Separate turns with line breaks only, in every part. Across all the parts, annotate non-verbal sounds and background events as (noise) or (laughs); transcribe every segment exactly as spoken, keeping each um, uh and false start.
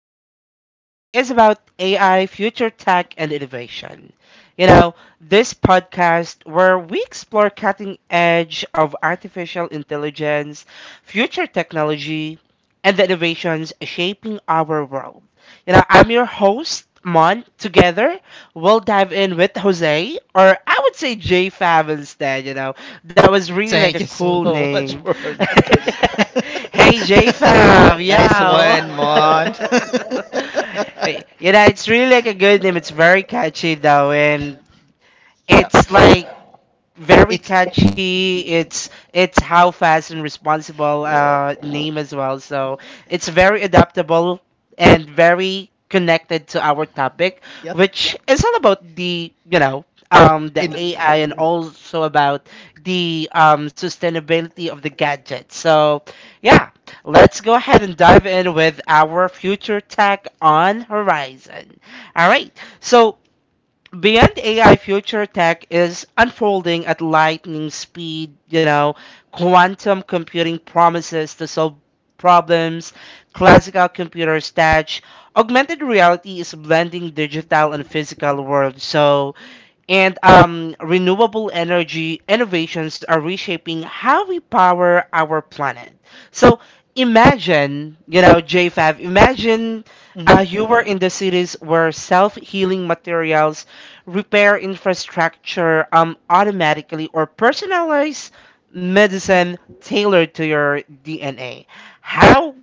topic for today is about A I, future tech, and innovation. You know, this podcast where we explore cutting edge of artificial intelligence, future technology, and the innovations shaping our world. You know, I'm your host, Mon. Together, we'll dive in with Jose, or I would say J Fab instead, you know, that was really like a
Thank you
cool
so much
name.
for that.
(laughs) Hey, J Fam,
(laughs) Nice
yo.
one, Mon. (laughs)
(laughs) Hey, you know, it's really like a good name. It's
Uh,
very catchy though, and
yeah.
it's like very
It's
catchy. It's it's how fast and responsible
Yeah.
uh, name as well. So it's very adaptable and very connected to our topic,
Yep.
which is all about the you know um the
In
A I and also about the um sustainability of the gadget. So yeah, let's go ahead and dive in with our future tech on horizon. All right, so. Beyond A I, future tech is unfolding at lightning speed. You know, quantum computing promises to solve problems, classical computers touch. Augmented reality is blending digital and physical worlds. So, and um, Renewable energy innovations are reshaping how we power our planet. So imagine, you know, J five, imagine
Mhm.
uh, you were in the cities where self healing materials, repair infrastructure um, automatically, or personalized medicine tailored to your D N A. How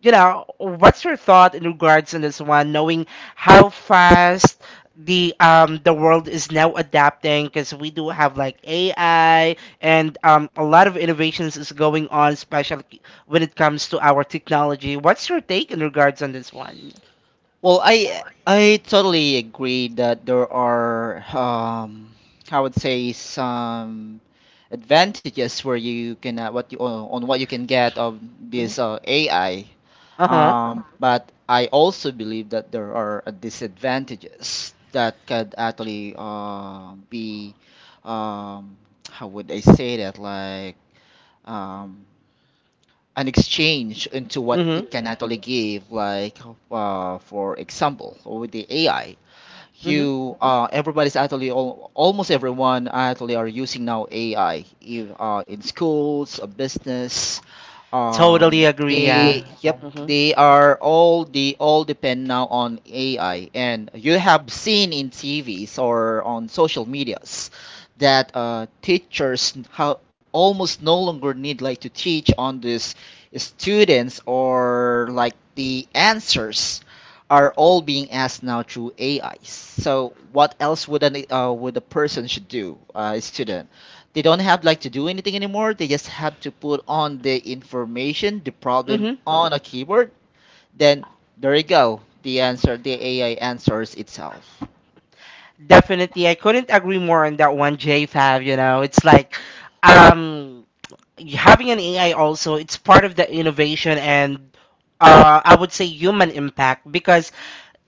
You know, what's your thought in regards on this one, knowing how fast the um the world is now adapting because we do have like A I and um a lot of innovations is going on, especially when it comes to our technology. What's your take in regards on this one?
Well, I I totally agree that there are um I would say some advantages where you can uh, what you on on what you can get of this
hmm
uh, A I.
Uh-huh.
Um, but I also believe that there are uh, disadvantages that could actually uh, be, um, how would I say that, like, um, an exchange into what
Mm-hmm.
it can actually give, like, uh, for example with the ai
Mm-hmm.
you uh, everybody's actually all, almost everyone actually are using now A I, if, uh, in schools, uh, business.
Totally
Um,
agree,
they
yeah.
Yep, they are all they all depend now on A I, and you have seen in T Vs or on social medias that, uh, teachers how almost no longer need like to teach on this students, or like the answers are all being asked now through A Is. So what else would an uh, would a person should do, uh, a student? They don't have like to do anything anymore. They just have to put on the information, the problem
Mm-hmm.
on a keyboard. Then there you go. The answer, the A I answers itself.
Definitely. I couldn't agree more on that one, J five, you know. It's like um having an A I also, it's part of the innovation and uh, I would say human impact because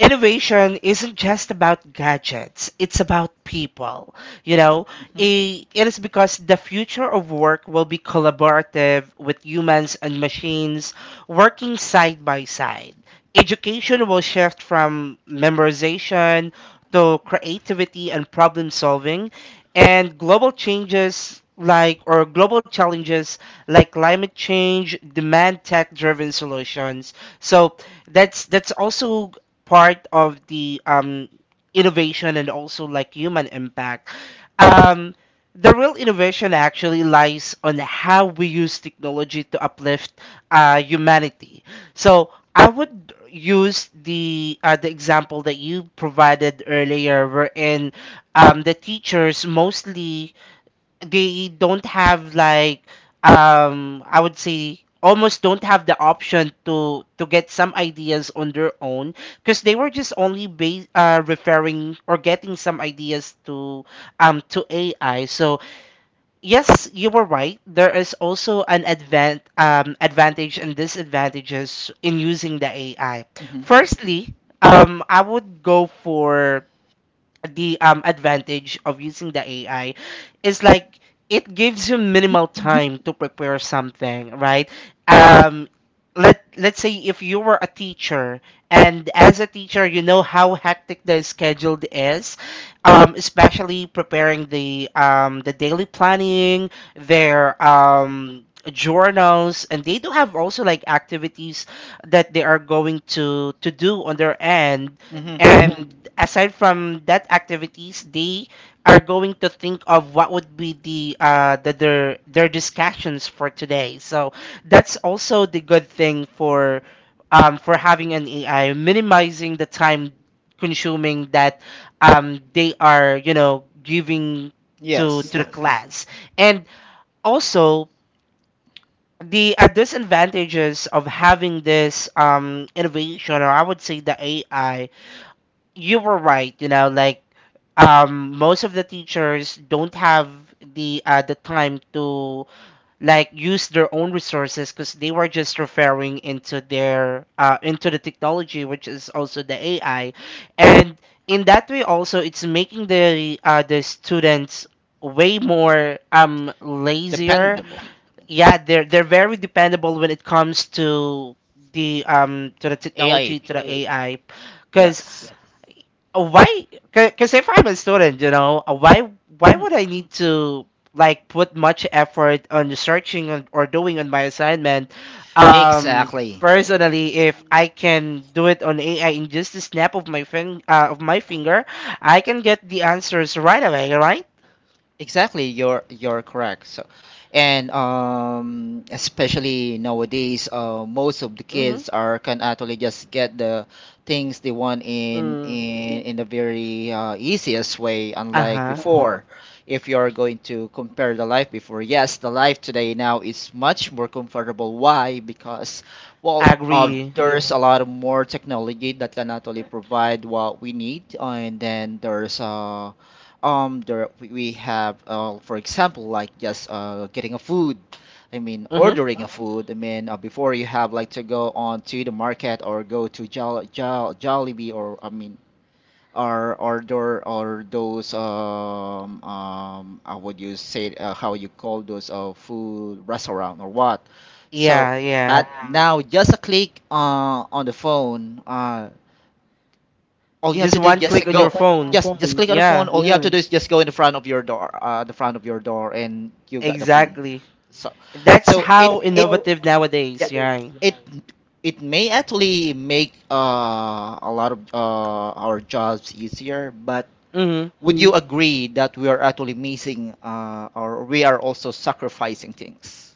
innovation isn't just about gadgets, it's about people. You know,
Hmm.
I- it is because the future of work will be collaborative with humans and machines working side by side. Education will shift from memorization to creativity and problem solving, and global changes like or global challenges like climate change demand tech driven solutions so that's that's also part of the um, innovation and also like human impact. Um, the real innovation actually lies on how we use technology to uplift uh, humanity. So I would use the uh, the example that you provided earlier, wherein um, the teachers mostly they don't have like um I would say almost don't have the option to to get some ideas on their own because they were just only base, uh, referring or getting some ideas to um to A I. So yes, you were right. There is also an advan um advantage and disadvantages in using the A I.
Hmm.
Firstly, um I would go for the um, advantage of using the A I is like it gives you minimal time to prepare something, right? Um, let let's say if you were a teacher and as a teacher you know how hectic the schedule is, um, especially preparing the um, the daily planning, their um, journals, and they do have also like activities that they are going to to do on their end
Hmm.
and aside from that activities, they are going to think of what would be the uh the, their their discussions for today. So that's also the good thing for um for having an A I, minimizing the time consuming that um they are you know giving to
Yes,
to the Yes. class. And also the uh, disadvantages of having this um innovation or I would say the A I, you were right, you know like um most of the teachers don't have the uh the time to like use their own resources because they were just referring into their uh into the technology, which is also the AI, and in that way also it's making the uh the students way more um lazier.
dependable
Yeah, they're they're very dependable when it comes to the um to the
A I.
technology, to the AI.
Yes.
uh, Why? Because if I'm a student, you know, uh, why why
Hmm.
would I need to like put much effort on searching on, or doing on my assignment? Um,
Exactly.
Personally, if I can do it on A I in just a snap of my fin uh, of my finger, I can get the answers right away, right?
Exactly, you're you're correct. So, and um, especially nowadays, uh, most of the
Mm-hmm.
kids are can actually just get the things they want in
Mm.
in in the very uh, easiest way, unlike
Uh-huh.
before. If you are going to compare the life before, yes, the life today now is much more comfortable. Why? Because, well, uh,
Agree.
there's a lot of more technology that can actually provide what we need, and then there's uh um, there we we have, uh, for example, like just, uh, getting a food. I mean,
Mm-hmm.
ordering a food. I mean, uh, before you have like to go on to the market or go to Jol Jol Jollibee, or I mean, or or there or those, um um how would you say it, uh, how you call those, uh food restaurant or what? So,
Yeah, yeah.
but now just a click, uh on the phone. Uh, all
You
you have
Just
to do is
one click
just
on
go
your
just
phone.
just coffee. Click on the phone.
Yeah,
All you have, yeah, to do is just go in the front of your door, uh the front of your door and you got the food.
exactly.
so
That's
so it
how
it How
innovative
yeah,
nowadays,
nowadays,
yeah.
it yeah. it may actually make, uh a lot of, uh our jobs easier, but
hmm
would you, Mm. agree that we are actually missing, uh or we are also sacrificing things?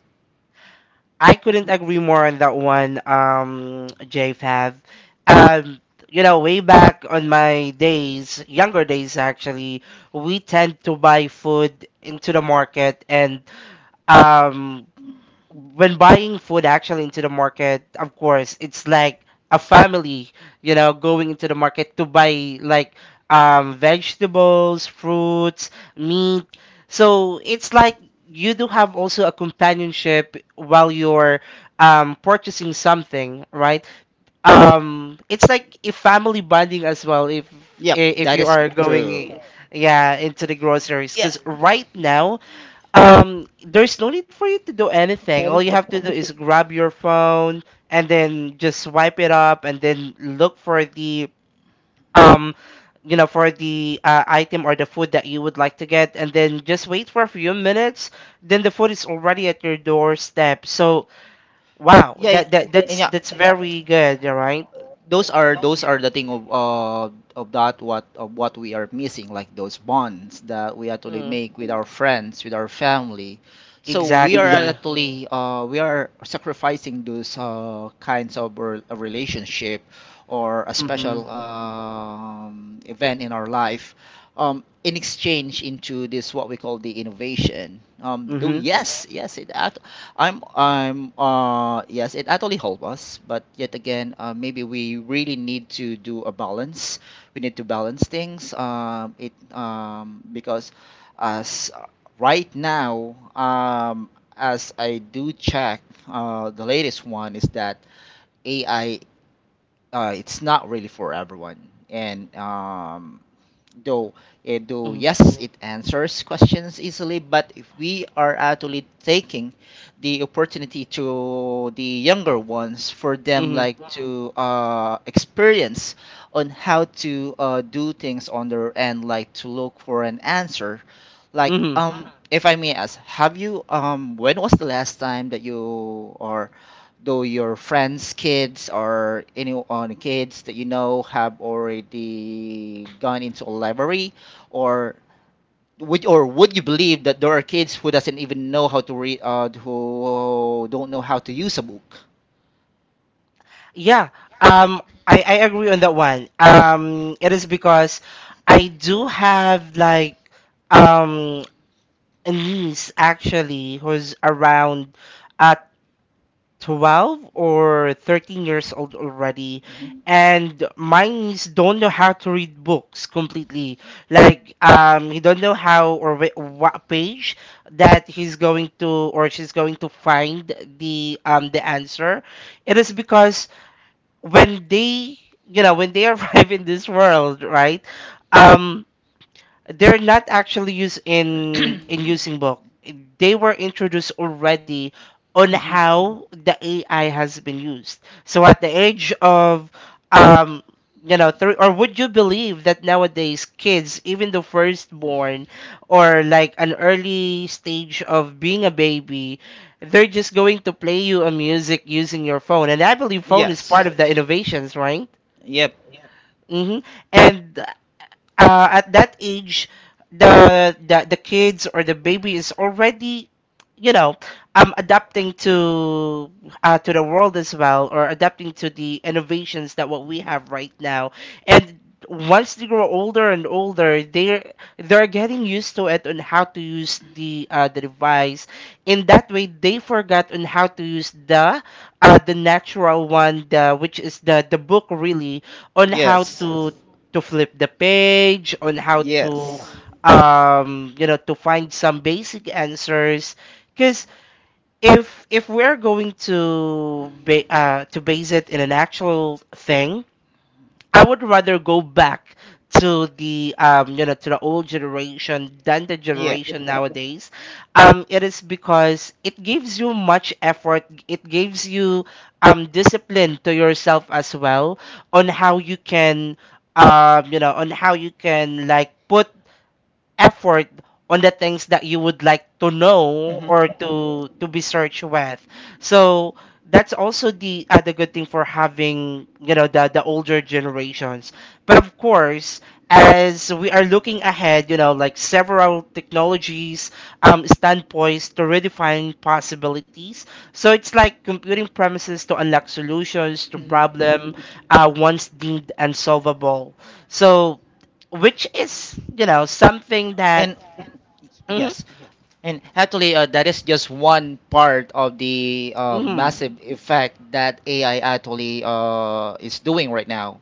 I couldn't agree more on that one, um, J F A V. Um, you know, way back on my days, younger days actually, we tend to buy food into the market and um, when buying food actually into the market, of course, it's like a family, you know, going into the market to buy like um, vegetables, fruits, meat. So it's like you do have also a companionship while you're um, purchasing something, right? Um, it's like a family bonding as well if
Yep,
i- if
that
you
is
are going,
true.
yeah, into the groceries.
Yeah.
Because right now, um, there's no need for you to do anything. All you have to do is grab your phone and then just swipe it up and then look for the um, you know, for the uh, item or the food that you would like to get, and then just wait for a few minutes. Then the food is already at your doorstep. So wow,
Yeah.
that that
And
that's
yeah,
that's very good, right?
those are those are the thing of, uh, of that what of what we are missing, like those bonds that we actually
Mm,
make with our friends, with our family. So, we are
exactly.
exactly, actually, uh, we are sacrificing those, uh, kinds of re- a relationship, or a
Mm-hmm.
special, um, event in our life, um, in exchange into this what we call the innovation. Um, do
Mm-hmm.
yes yes it act- I'm I'm uh Yes, it actually helps us, but yet again, uh, maybe we really need to do a balance. We need to balance things. Um, it um Because, as right now, um, as I do check, uh, the latest one is that A I, uh, it's not really for everyone, and um, Though, eh, though
Mm-hmm.
yes, it answers questions easily, but if we are actually taking the opportunity to the younger ones for them
Mm-hmm.
like to, uh, experience on how to, uh, do things on their end, like to look for an answer, like,
Mm-hmm.
um, if I may ask, have you um, when was the last time that you or though your friends' kids or anyone kids that you know have already gone into a library, or would or would you believe that there are kids who doesn't even know how to read, uh, who don't know how to use a book?
Yeah, um, I, I agree on that one. Um, it is because I do have like um a niece actually who's around uh twelve or thirteen years old already,
Hmm.
and my niece don't know how to read books completely. Like um, he don't know how or wh- what page that he's going to or she's going to find the um the answer. It is because when they you know when they (laughs) arrive in this world, right? um they're not actually used in in using book. They were introduced already on
Hmm.
how the A I has been used. So at the age of um you know three, or would you believe that nowadays kids, even the firstborn or like an early stage of being a baby, they're just going to play you a music using your phone, and I believe phone is part
Yes.
of the Yes. innovations, right?
Yep.
Mm-hmm. And uh, at that age the, the the kids or the baby is already, you know, um adapting to uh, to the world as well, or adapting to the innovations that what we have right now. And once they grow older and older, they're they're getting used to it on how to use the uh, the device. In that way they forgot on how to use the uh, the natural one, the which is the the book really, on how
Yes.
to to flip the page, on how to,
Yes.
Yeah. um, you know, to find some basic answers. Because if if we're going to ba- uh, to base it in an actual thing, I would rather go back to the um you know to the old generation than the
Yeah.
generation nowadays. Um, it is because it gives you much effort. It gives you um discipline to yourself as well on how you can um you know on how you can like put effort on the things that you would like to know
Hmm.
or to to be searched with. So that's also the other good thing for having, you know, the the older generations. But of course, as we are looking ahead, you know, like several technologies um, stand poised to redefine possibilities. So it's like computing premises to unlock solutions to
Hmm.
problem uh, once deemed unsolvable. So which is, you know, something that
And
hmm
yes, And actually, uh, that is just one part of the, uh,
hmm
massive effect that A I actually, uh, is doing right now.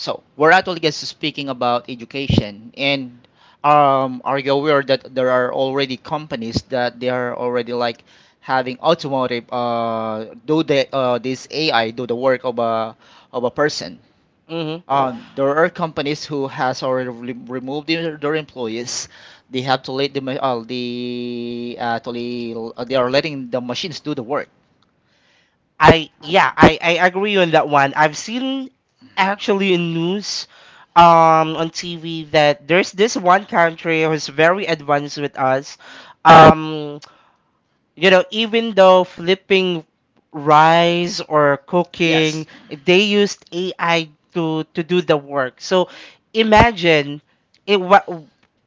So we're actually just speaking about education, and um, are you aware that there are already companies that they are already like having automotive, uh, do the, uh, this A I do the work of a of a person?
hmm
Uh, there are companies who has already re- removed their, their employees. They have to let the ma- uh, the actually, uh, they are letting the machines do the work.
I yeah I I agree on that one. I've seen actually in news um on T V that there's this one country who's very advanced with us. Um you know, even though flipping rice or cooking,
Yes.
they used A I to to do the work. So imagine it what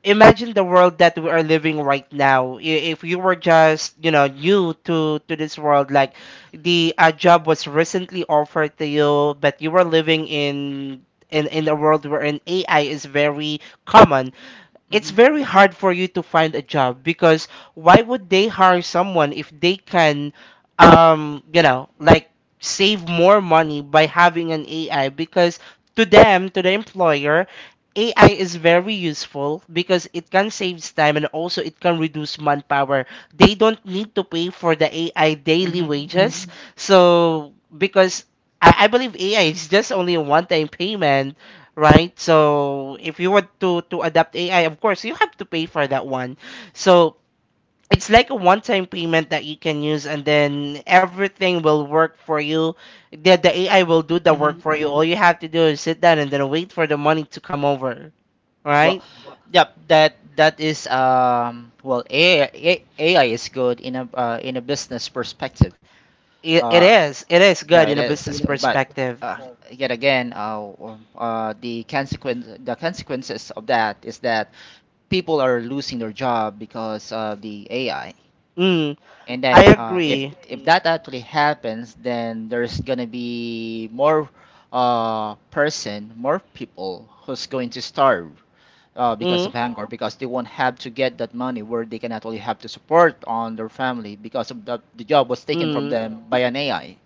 imagine the world that we are living right now. I- if you were just, you know, new to to this world, like the a job was recently offered to you, but you were living in in in a world wherein AI is very common, it's
Hmm.
very hard for you to find a job because why would they hire someone if they can um you know like save more money by having an A I, because to them, to the employer, A I is very useful because it can save time and also it can reduce manpower. They don't need to pay for the A I daily
Hmm.
wages. Mhm. So because I, I believe A I is just only a one time payment, right? So if you want to to adapt A I, of course you have to pay for that one. So it's like a one-time payment that you can use, and then everything will work for you. The the A I will do the
Hmm.
work for you. All you have to do is sit down and then wait for the money to come over,
Well,
right?
yeah, that that is, um well A I, A- AI is good in a uh, in a business perspective.
It, it
Uh,
is it is
yeah,
good
it
in a
is
business
actually, but,
perspective.
uh, yet again, uh, um, uh, the consequence the consequences of that is that people are losing their job because of the A I.
Mm,
And
I
then, uh, if
agree.
if that actually happens, then there's gonna be more, uh, person, more people who's going to starve, uh, because
Mm,
of hunger, because they won't have to get that money where they can actually have to support on their family because of the, the job was taken from
mm.
them by an A I.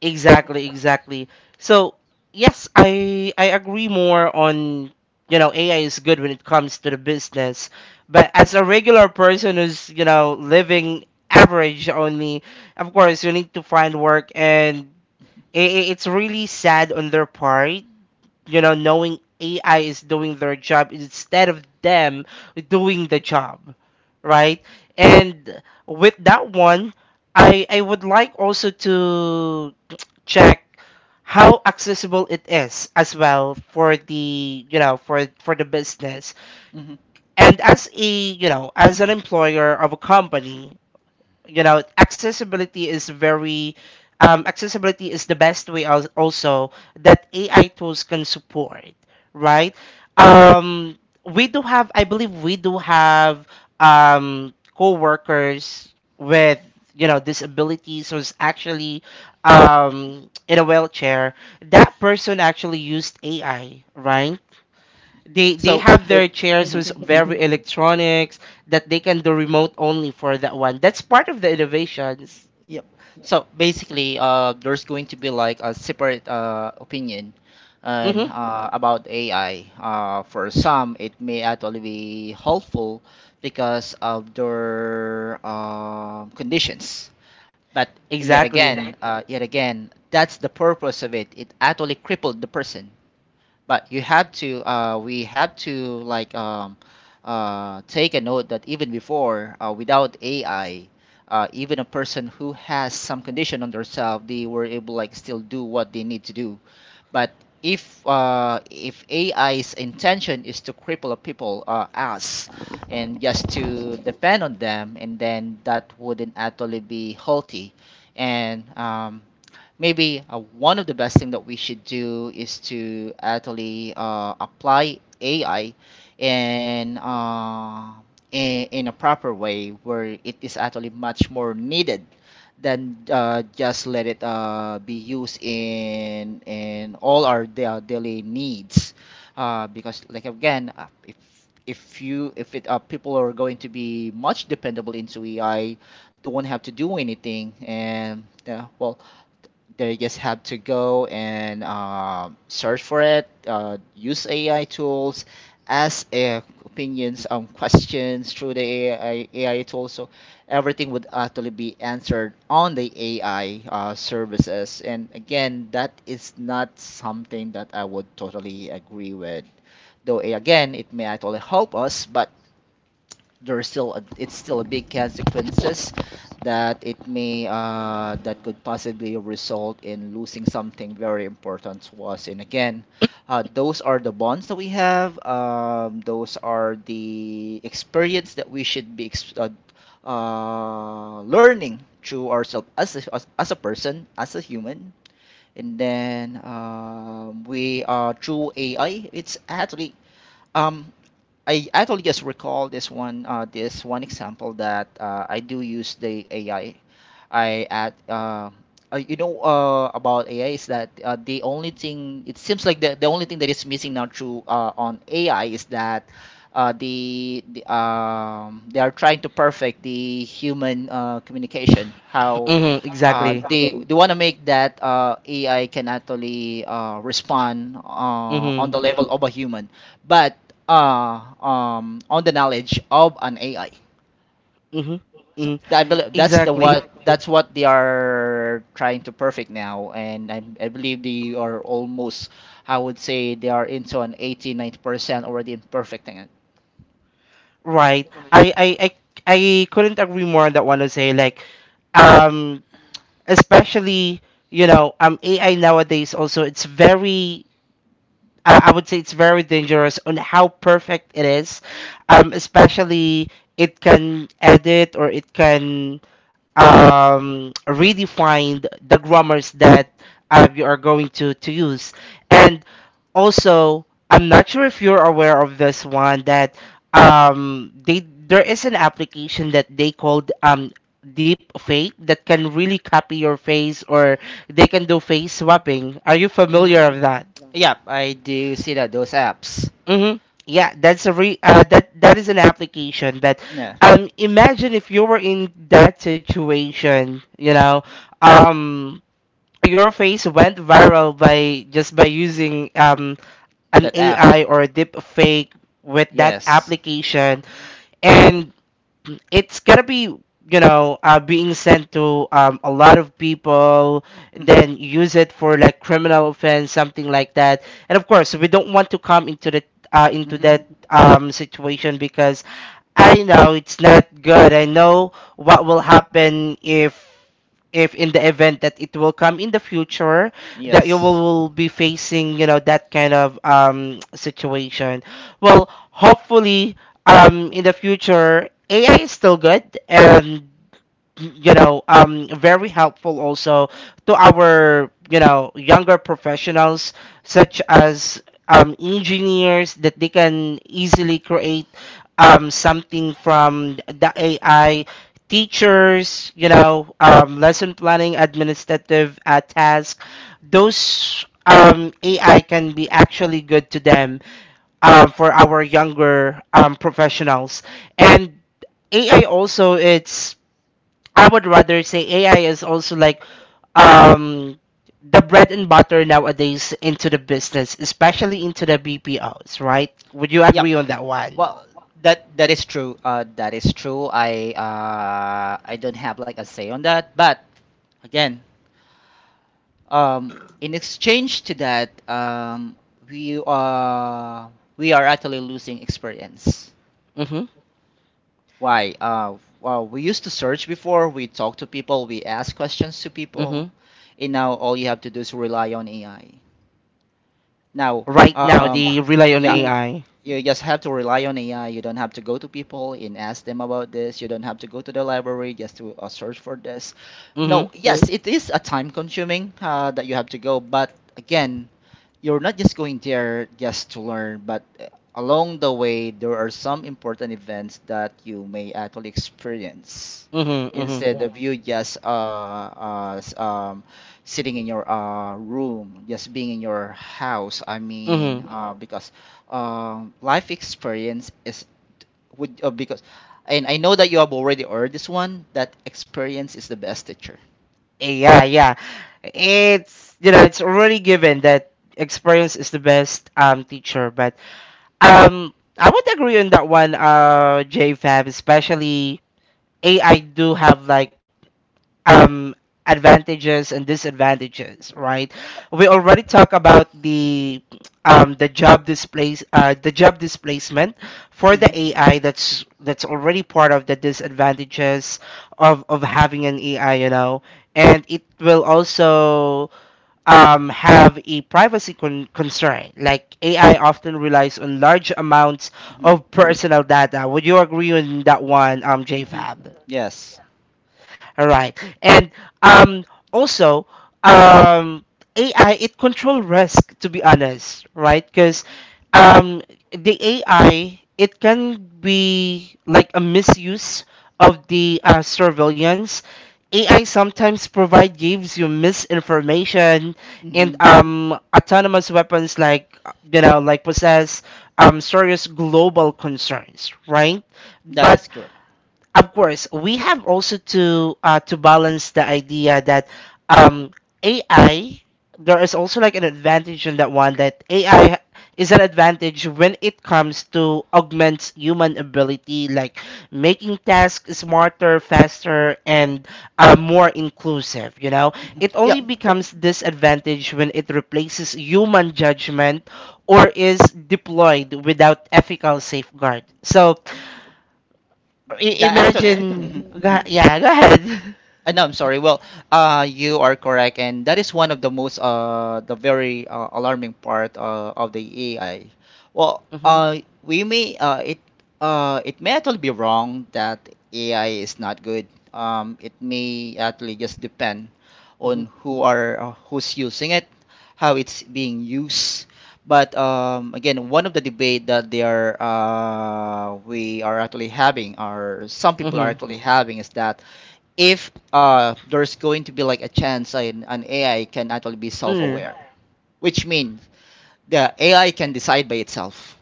Exactly, exactly. So, yes, I I agree more on, you know, A I is good when it comes to the business, but as a regular person who's, you know, living average only, of course, you need to find work and i i- it's really sad on their part, you know, knowing A I is doing their job instead of them doing the job, right? And with that one, I I would like also to check how accessible it is as well for the you know for for the business
Hmm.
and as a you know as an employer of a company, you know accessibility is very um, accessibility is the best way al- also that AI tools can support, right? um, we do have, I believe we do have, um, co-workers with, you know, disabilities who's actually, um, in a wheelchair. That person actually used AI, right? They they
So.
have their chairs with
Mhm.
very (laughs) electronics that they can do remote only for that one. That's part of the innovations.
Yep. So basically, uh, there's going to be like a separate, uh, opinion, and
Mm-hmm.
uh, about A I. Uh, for some, it may actually be helpful because of their, uh, conditions. But yet again,
Exactly.
Exactly. uh, yet again, that's the purpose of it. It actually crippled the person. But you had to uh, we had to, like, um, uh, take a note that even before, uh, without A I, uh, even a person who has some condition on themselves, they were able, like, still do what they need to do. But if uh, if A I's intention is to cripple a people uh, us, and just to depend on them, and then that wouldn't actually be healthy. And um, maybe, uh, one of the best thing that we should do is to actually, uh, apply A I in, uh, in, in a proper way where it is actually much more needed, than, uh, just let it, uh, be used in in all our da- daily needs, uh, because, like, again, uh, if if you if it uh, people are going to be much dependable into A I. They won't have to do anything, and, uh, well they just have to go and, um search for it, uh, use A I tools, ask, uh, opinions, um, questions through the AI, A I tools. So everything would actually be answered on the A I, uh, services. And again, that is not something that I would totally agree with. Though eh, again, it may actually help us, but there's still a, it's still a big consequences that, it may uh, that could possibly result in losing something very important to us. And again, uh, those are the bonds that we have, um, those are the experience that we should be ex- uh, uh, learning through ourselves, as a, as, as a person, as a human. And then um, we are through A I it's actually um, I actually just recall this one, uh, this one example that, uh, I do use the AI. I at uh, uh, you know uh, About A I is that, uh, the only thing, it seems like the, the only thing that is missing now through uh, on A I is that, uh, the, the, um, they are trying to perfect the human, uh, communication. How,
Mm-hmm.
uh,
Exactly.
they they want to make that, uh, A I can actually, uh, respond, uh, on
Mm-hmm.
the level of a human, but, uh, um, on the knowledge of an A I.
Mm-hmm.
So
Mm-hmm.
I believe that's the
Exactly.
what that's what they are trying to perfect now, and, I, I believe they are almost, I would say, they are into an eighty ninety percent already in perfecting it.
Right. I I I I couldn't agree more on that one to say like, um especially, you know um A I nowadays also it's very, I I would say it's very dangerous on how perfect it is. Um, especially it can edit or it can um, redefine the grammars that uh, you are going to, to use. And also, I'm not sure if you're aware of this one that um, they there is an application that they called, um, deep fake, that can really copy your face, or they can do face swapping. Are you familiar
Hmm.
of that?
Yeah, I do see that those apps.
Mm-hmm. Yeah, that's a re uh, that that is an application. But
Yeah,
um, imagine if you were in that situation, you know, um, your face went viral by just by using um an
that app.
A I or a deep fake with that
Yes.
application, and um, it's gonna be, you know, uh, being sent to, um, a lot of people,
Mhm.
then use it for like criminal offense, something like that. And of course, we don't want to come into the uh, into
Mhm.
that um, situation because I know it's not good. I know what will happen if if in the event that it will come in the future, that you will,
Yes.
will be facing, you know, that kind of um situation. Well, hopefully, um in the future AI is still good and, you know, um very helpful also to our, you know, younger professionals, such as, um engineers, that they can easily create um something from the AI. Teachers, you know, um, lesson planning, administrative uh, tasks, those, um, A I can be actually good to them, uh, for our younger, um, professionals. And A I also, it's, I would rather say A I is also like um, the bread and butter nowadays into the business, especially into the B P Os, right? Would you
Yep.
agree on that one?
Well, that that is true. Uh, that is true. I uh I don't have like a say on that, but again, Um, in exchange to that, um, we uh, we are actually losing experience.
Mm-hmm.
Why? Uh, well, we used to search before. We talk to people. We ask questions to people,
Mm-hmm.
and now all you have to do is rely on A I. Now,
Right now,
um,
they rely on
yeah,
A I.
you just have to rely on A I. You don't have to go to people and ask them about this. You don't have to go to the library just to, uh, search for this. No, yes, it is a time consuming, uh, that you have to go, but again, you're not just going there just to learn, but, uh, along the way, there are some important events that you may actually experience
Mhm. Mhm.
instead of you just uh, uh, s- um, sitting in your, uh, room, just being in your house. I mean,
Mhm.
uh, because um, life experience is would uh, because, and I know that you have already heard this one. That experience is the best teacher.
Yeah, yeah. It's, you know, it's already given that experience is the best um teacher, but um I would agree on that one, uh, J Fab, especially A I do have like um advantages and disadvantages, right? We already talked about the um the job displace uh the job displacement for the
Mm-hmm.
AI. that's that's already part of the disadvantages of of having an AI, you know. And it will also um have a privacy con- concern. Like AI often relies on large amounts
Mm-hmm.
of personal data. Would you agree on that one, um, J
Mm-hmm.
Fab?
Yes.
All right. And um, also, um, A I, it control risk, to be honest, right? Because, um, the A I, it can be like a misuse of the, uh, surveillance. A I sometimes provide gives you misinformation and,
Mm-hmm.
um, autonomous weapons, like, you know, like, possess, um, serious global concerns, right?
That
But
is correct.
of course, we have also to, uh, to balance the idea that, um, A I, there is also like an advantage in that one, that A I is an advantage when it comes to augment human ability, like making tasks smarter, faster, and, uh, more inclusive. You know,
Mhm.
it
Yep.
only becomes disadvantage when it replaces human judgment or is deployed without ethical safeguard. So, I-
That actually.
imagine.
Mhm.
Go, yeah, go ahead.
Uh, no, I'm sorry. Well, uh, you are correct, and that is one of the most uh, the very uh, alarming part uh, of the A I. Well,
Mm-hmm,
uh, we may uh, it uh, it may actually be wrong that A I is not good. Um, it may actually just depend
mm-hmm,
on who are uh, who's using it, how it's being used. But um, again, one of the debate that they are uh, we are actually having, or some people are
mm-hmm.
actually having, is that if uh, there's going to be like a chance an, an A I can actually be
Mm.
self-aware, which means the A I can decide by itself.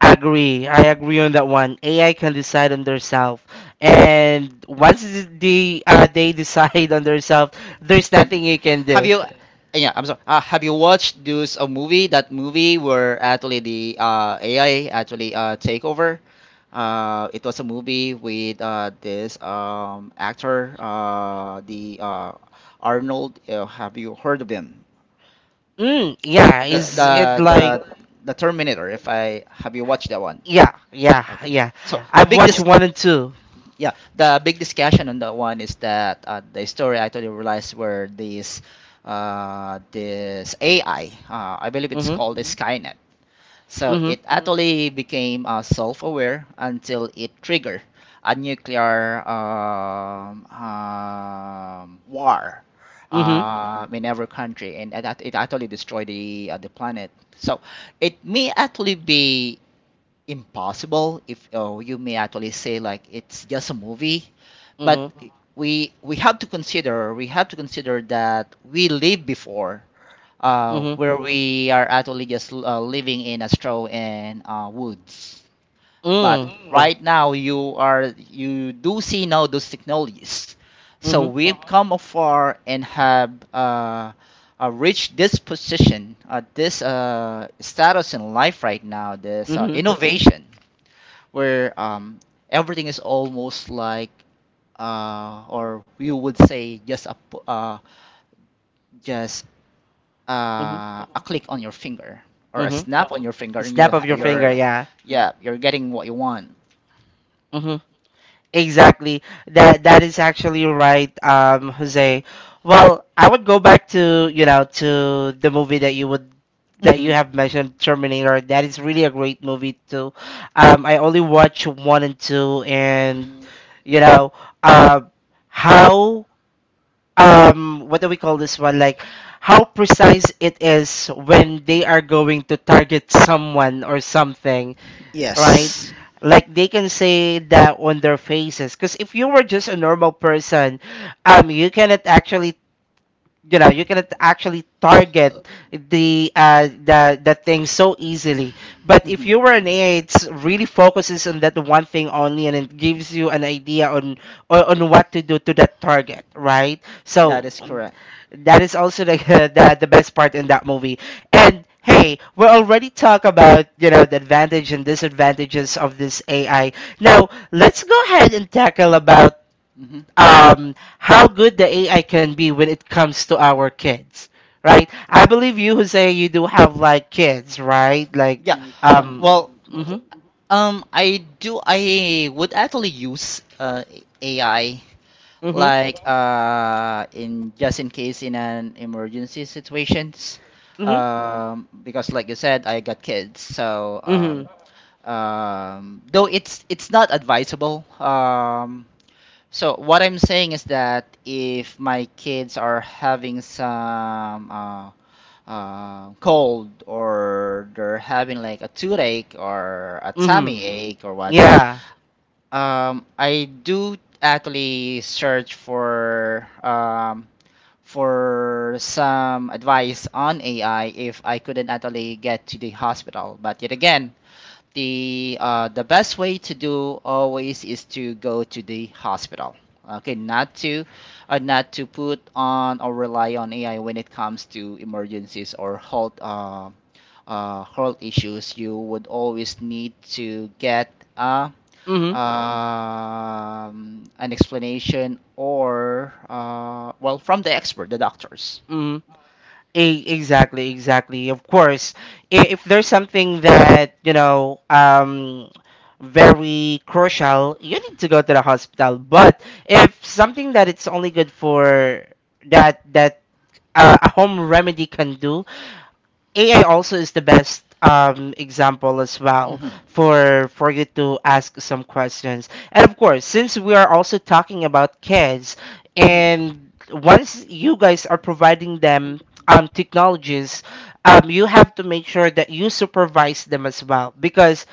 I agree. I agree on that one. A I can decide on themselves, and once they uh, they (laughs) decide on themselves, there's
And
nothing you can
have
do.
you? uh, Yeah, I'm sorry. Uh, have you watched those a movie? That movie where actually the uh, A I actually uh, take over. Uh, it was a movie with uh, this um, actor, uh, the uh, Arnold. Uh, have you heard of him?
Mm, yeah,
The
is
the
it like,
the the Terminator. If I have you watched that one?
yeah, yeah,
Okay.
yeah.
So Yeah. the
I've
big
watched
dis I wo-
one and two.
yeah, the big discussion on that one is that uh, the story I totally realized were this uh, this A I, uh, I believe it's
Mhm,
called a Skynet. So
mhm,
it Mm. actually became uh, self-aware until it triggered a nuclear um, um, war
mhm,
uh, in every country, and that it actually destroyed the uh, the planet. So it may actually be impossible if oh, you may actually say like it's just a movie, but
mhm,
we we have to consider, we have to consider that we lived before, uh,
mhm,
where we are actually just uh, living in a straw and uh, woods. But
mm,
right now you are you do see now those technologies, so
mhm,
we've come afar and have uh, uh, reached this position, uh, this uh, status in life right now, this uh,
mhm,
innovation where um everything is almost like uh or you would say just a uh just
mhm,
uh a click on your finger or a
mhm.
snap on your finger, and
Snap
you'll
of your finger,
you're
yeah.
yeah, you're getting what you want.
Exactly. That that is actually right, um, Jose. Well, I would go back to, you know, to the movie that you would that
Hmm
you have mentioned, Terminator. That is really a great movie too. Um, I only watched one and two, and, you know, uh, how, um, what do we call this one? Like how precise it is when they are going to target someone or something, right?
Yes.
Like they can say that on their faces. Because if you were just a normal person, um, you cannot actually, you know, you can at- actually target the uh the the thing so easily. But if
hmm
you were an AI, it's really focuses on that one thing only, and it gives you an idea on on, on what to do to that target, right?
That
So
is correct.
that is also the, (laughs) the the best part in that movie. And hey, we already talk about, you know, the advantage and disadvantages of this AI. Now let's go ahead and tackle about,
Hmm
um, how good the A I can be when it comes to our kids, right? I believe you, Jose, you do have like kids, right? Like,
Yeah.
um,
Well,
mm-hmm,
um, I do. I would actually use uh, A I
mm-hmm,
like uh in just in case in an emergency situations,
mm-hmm,
um because like you said, I got kids, so
mm-hmm,
um um though it's it's not advisable. Um so what I'm saying is that if my kids are having some uh uh, cold, or they're having like a toothache or a
mm-hmm,
tummy ache or what. So
yeah,
um, I do actually search for um, for some advice on A I if I couldn't actually get to the hospital. But yet again, the uh, the best way to do always is to go to the hospital. Okay, not to uh, not to put on or rely on A I when it comes to emergencies or health uh, uh, health issues. You would always need to get a
mm-hmm,
um, an explanation or uh, well, from the expert, the doctors.
mm-hmm. E- exactly, exactly. Of course, i- if there's something that, you know, um, very crucial, you need to go to the hospital. But if something that it's only good for that that uh, a home remedy can do, A I also is the best, um, example as well
Hmm
for for you to ask some questions. And of course, since we are also talking about kids,
hmm
and once you guys are providing them, um, technologies, um, you have to make sure that you supervise them as well, because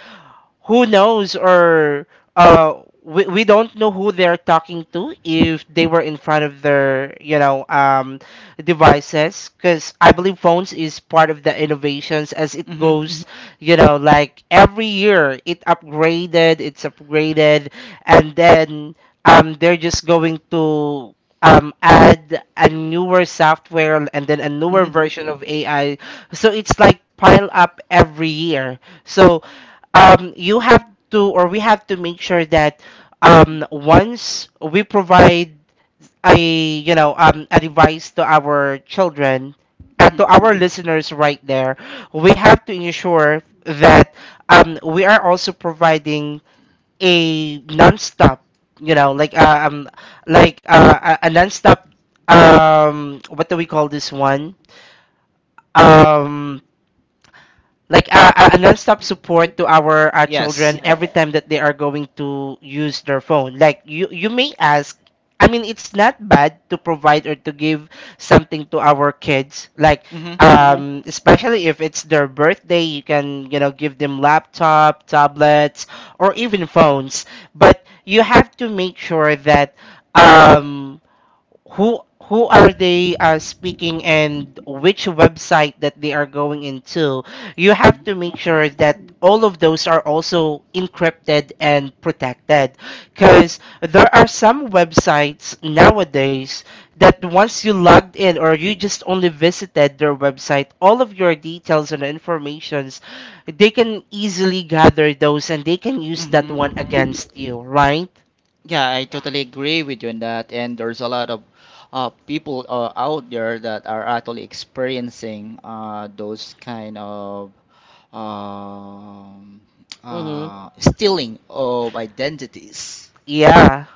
who knows, or uh we, we don't know who they're talking to if they were in front of their, you know, um devices, because I believe phones is part of the innovations as it
hmm
goes, you know. Like every year it upgraded, it's upgraded, and then um they're just going to um add a newer software and then a newer
hmm
version of AI, so it's like pile up every year. So, um, you have to, or we have to make sure that, um, once we provide a, you know, um, a device to our children, uh,
hmm
to our listeners right there, we have to ensure that, um, we are also providing a non-stop, you know, like uh, um like uh, a a non-stop, um what do we call this one um like a, a a non-stop support to our, uh,
Yes.
children every time that they are going to use their phone. Like you you may ask, I mean, it's not bad to provide or to give something to our kids, like, hmm,
hmm
um especially if it's their birthday, you can, you know, give them laptop, tablets, or even phones. But you have to make sure that, um who who are they, uh, speaking, and which website that they are going into. You have to
hmm
make sure that all of those are also encrypted and protected, because there are some websites nowadays that once you logged in or you just only visited their website, all of your details and informations, they can easily gather those, and they can use that one
hmm
against you, right?
Yeah, I totally agree with you on that. And there's a lot of uh, people uh, out there that are actually experiencing uh, those kind of um,
Mm-hmm.
uh, stealing of identities.
Yeah.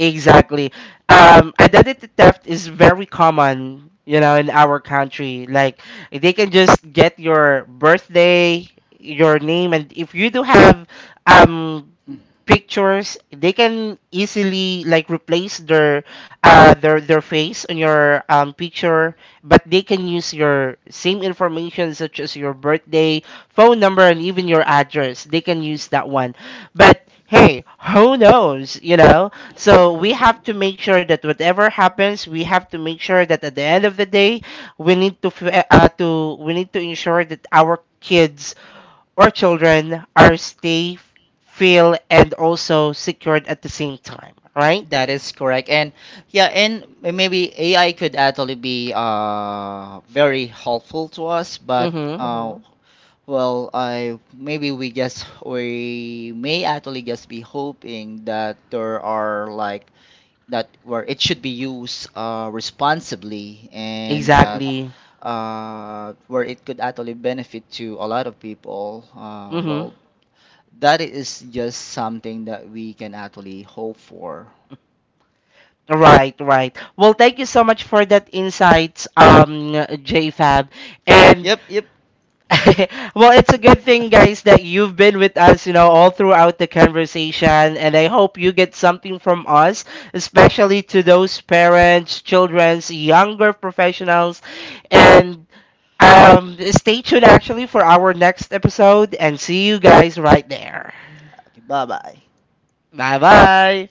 Exactly. Um, identity theft is very common, you know, in our country. Like they can just get your birthday, your name, and if you do have um pictures, they can easily like replace their uh their their face on your, um picture, but they can use your same information such as your birthday, phone number, and even your address. They can use that one. But hey, who knows? You know, so we have to make sure that whatever happens, we have to make sure that at the end of the day, we need to f- uh, uh, to we need to ensure that our kids or children are safe, feel, and also secured at the same time, right?
That is correct. And yeah, and maybe A I could actually be uh very helpful to us, but
Mm-hmm.
uh Mm-hmm. Well, I maybe we just we may actually just be hoping that there are like that where it should be used uh responsibly, and that
Exactly.
uh where it could actually benefit to a lot of people. Uh
Mm-hmm.
well, that is just something that we can actually hope for.
Right, right. Well, thank you so much for that insight, um, JFab. And
Yep, yep.
(laughs) well, it's a good thing, guys,
(laughs)
that you've been with us, you know, all throughout the conversation. And I hope you get something from us, especially to those parents, children's, younger professionals. And, um, stay tuned, actually, for our next episode. And see you guys right there.
Okay, bye bye.
Bye bye.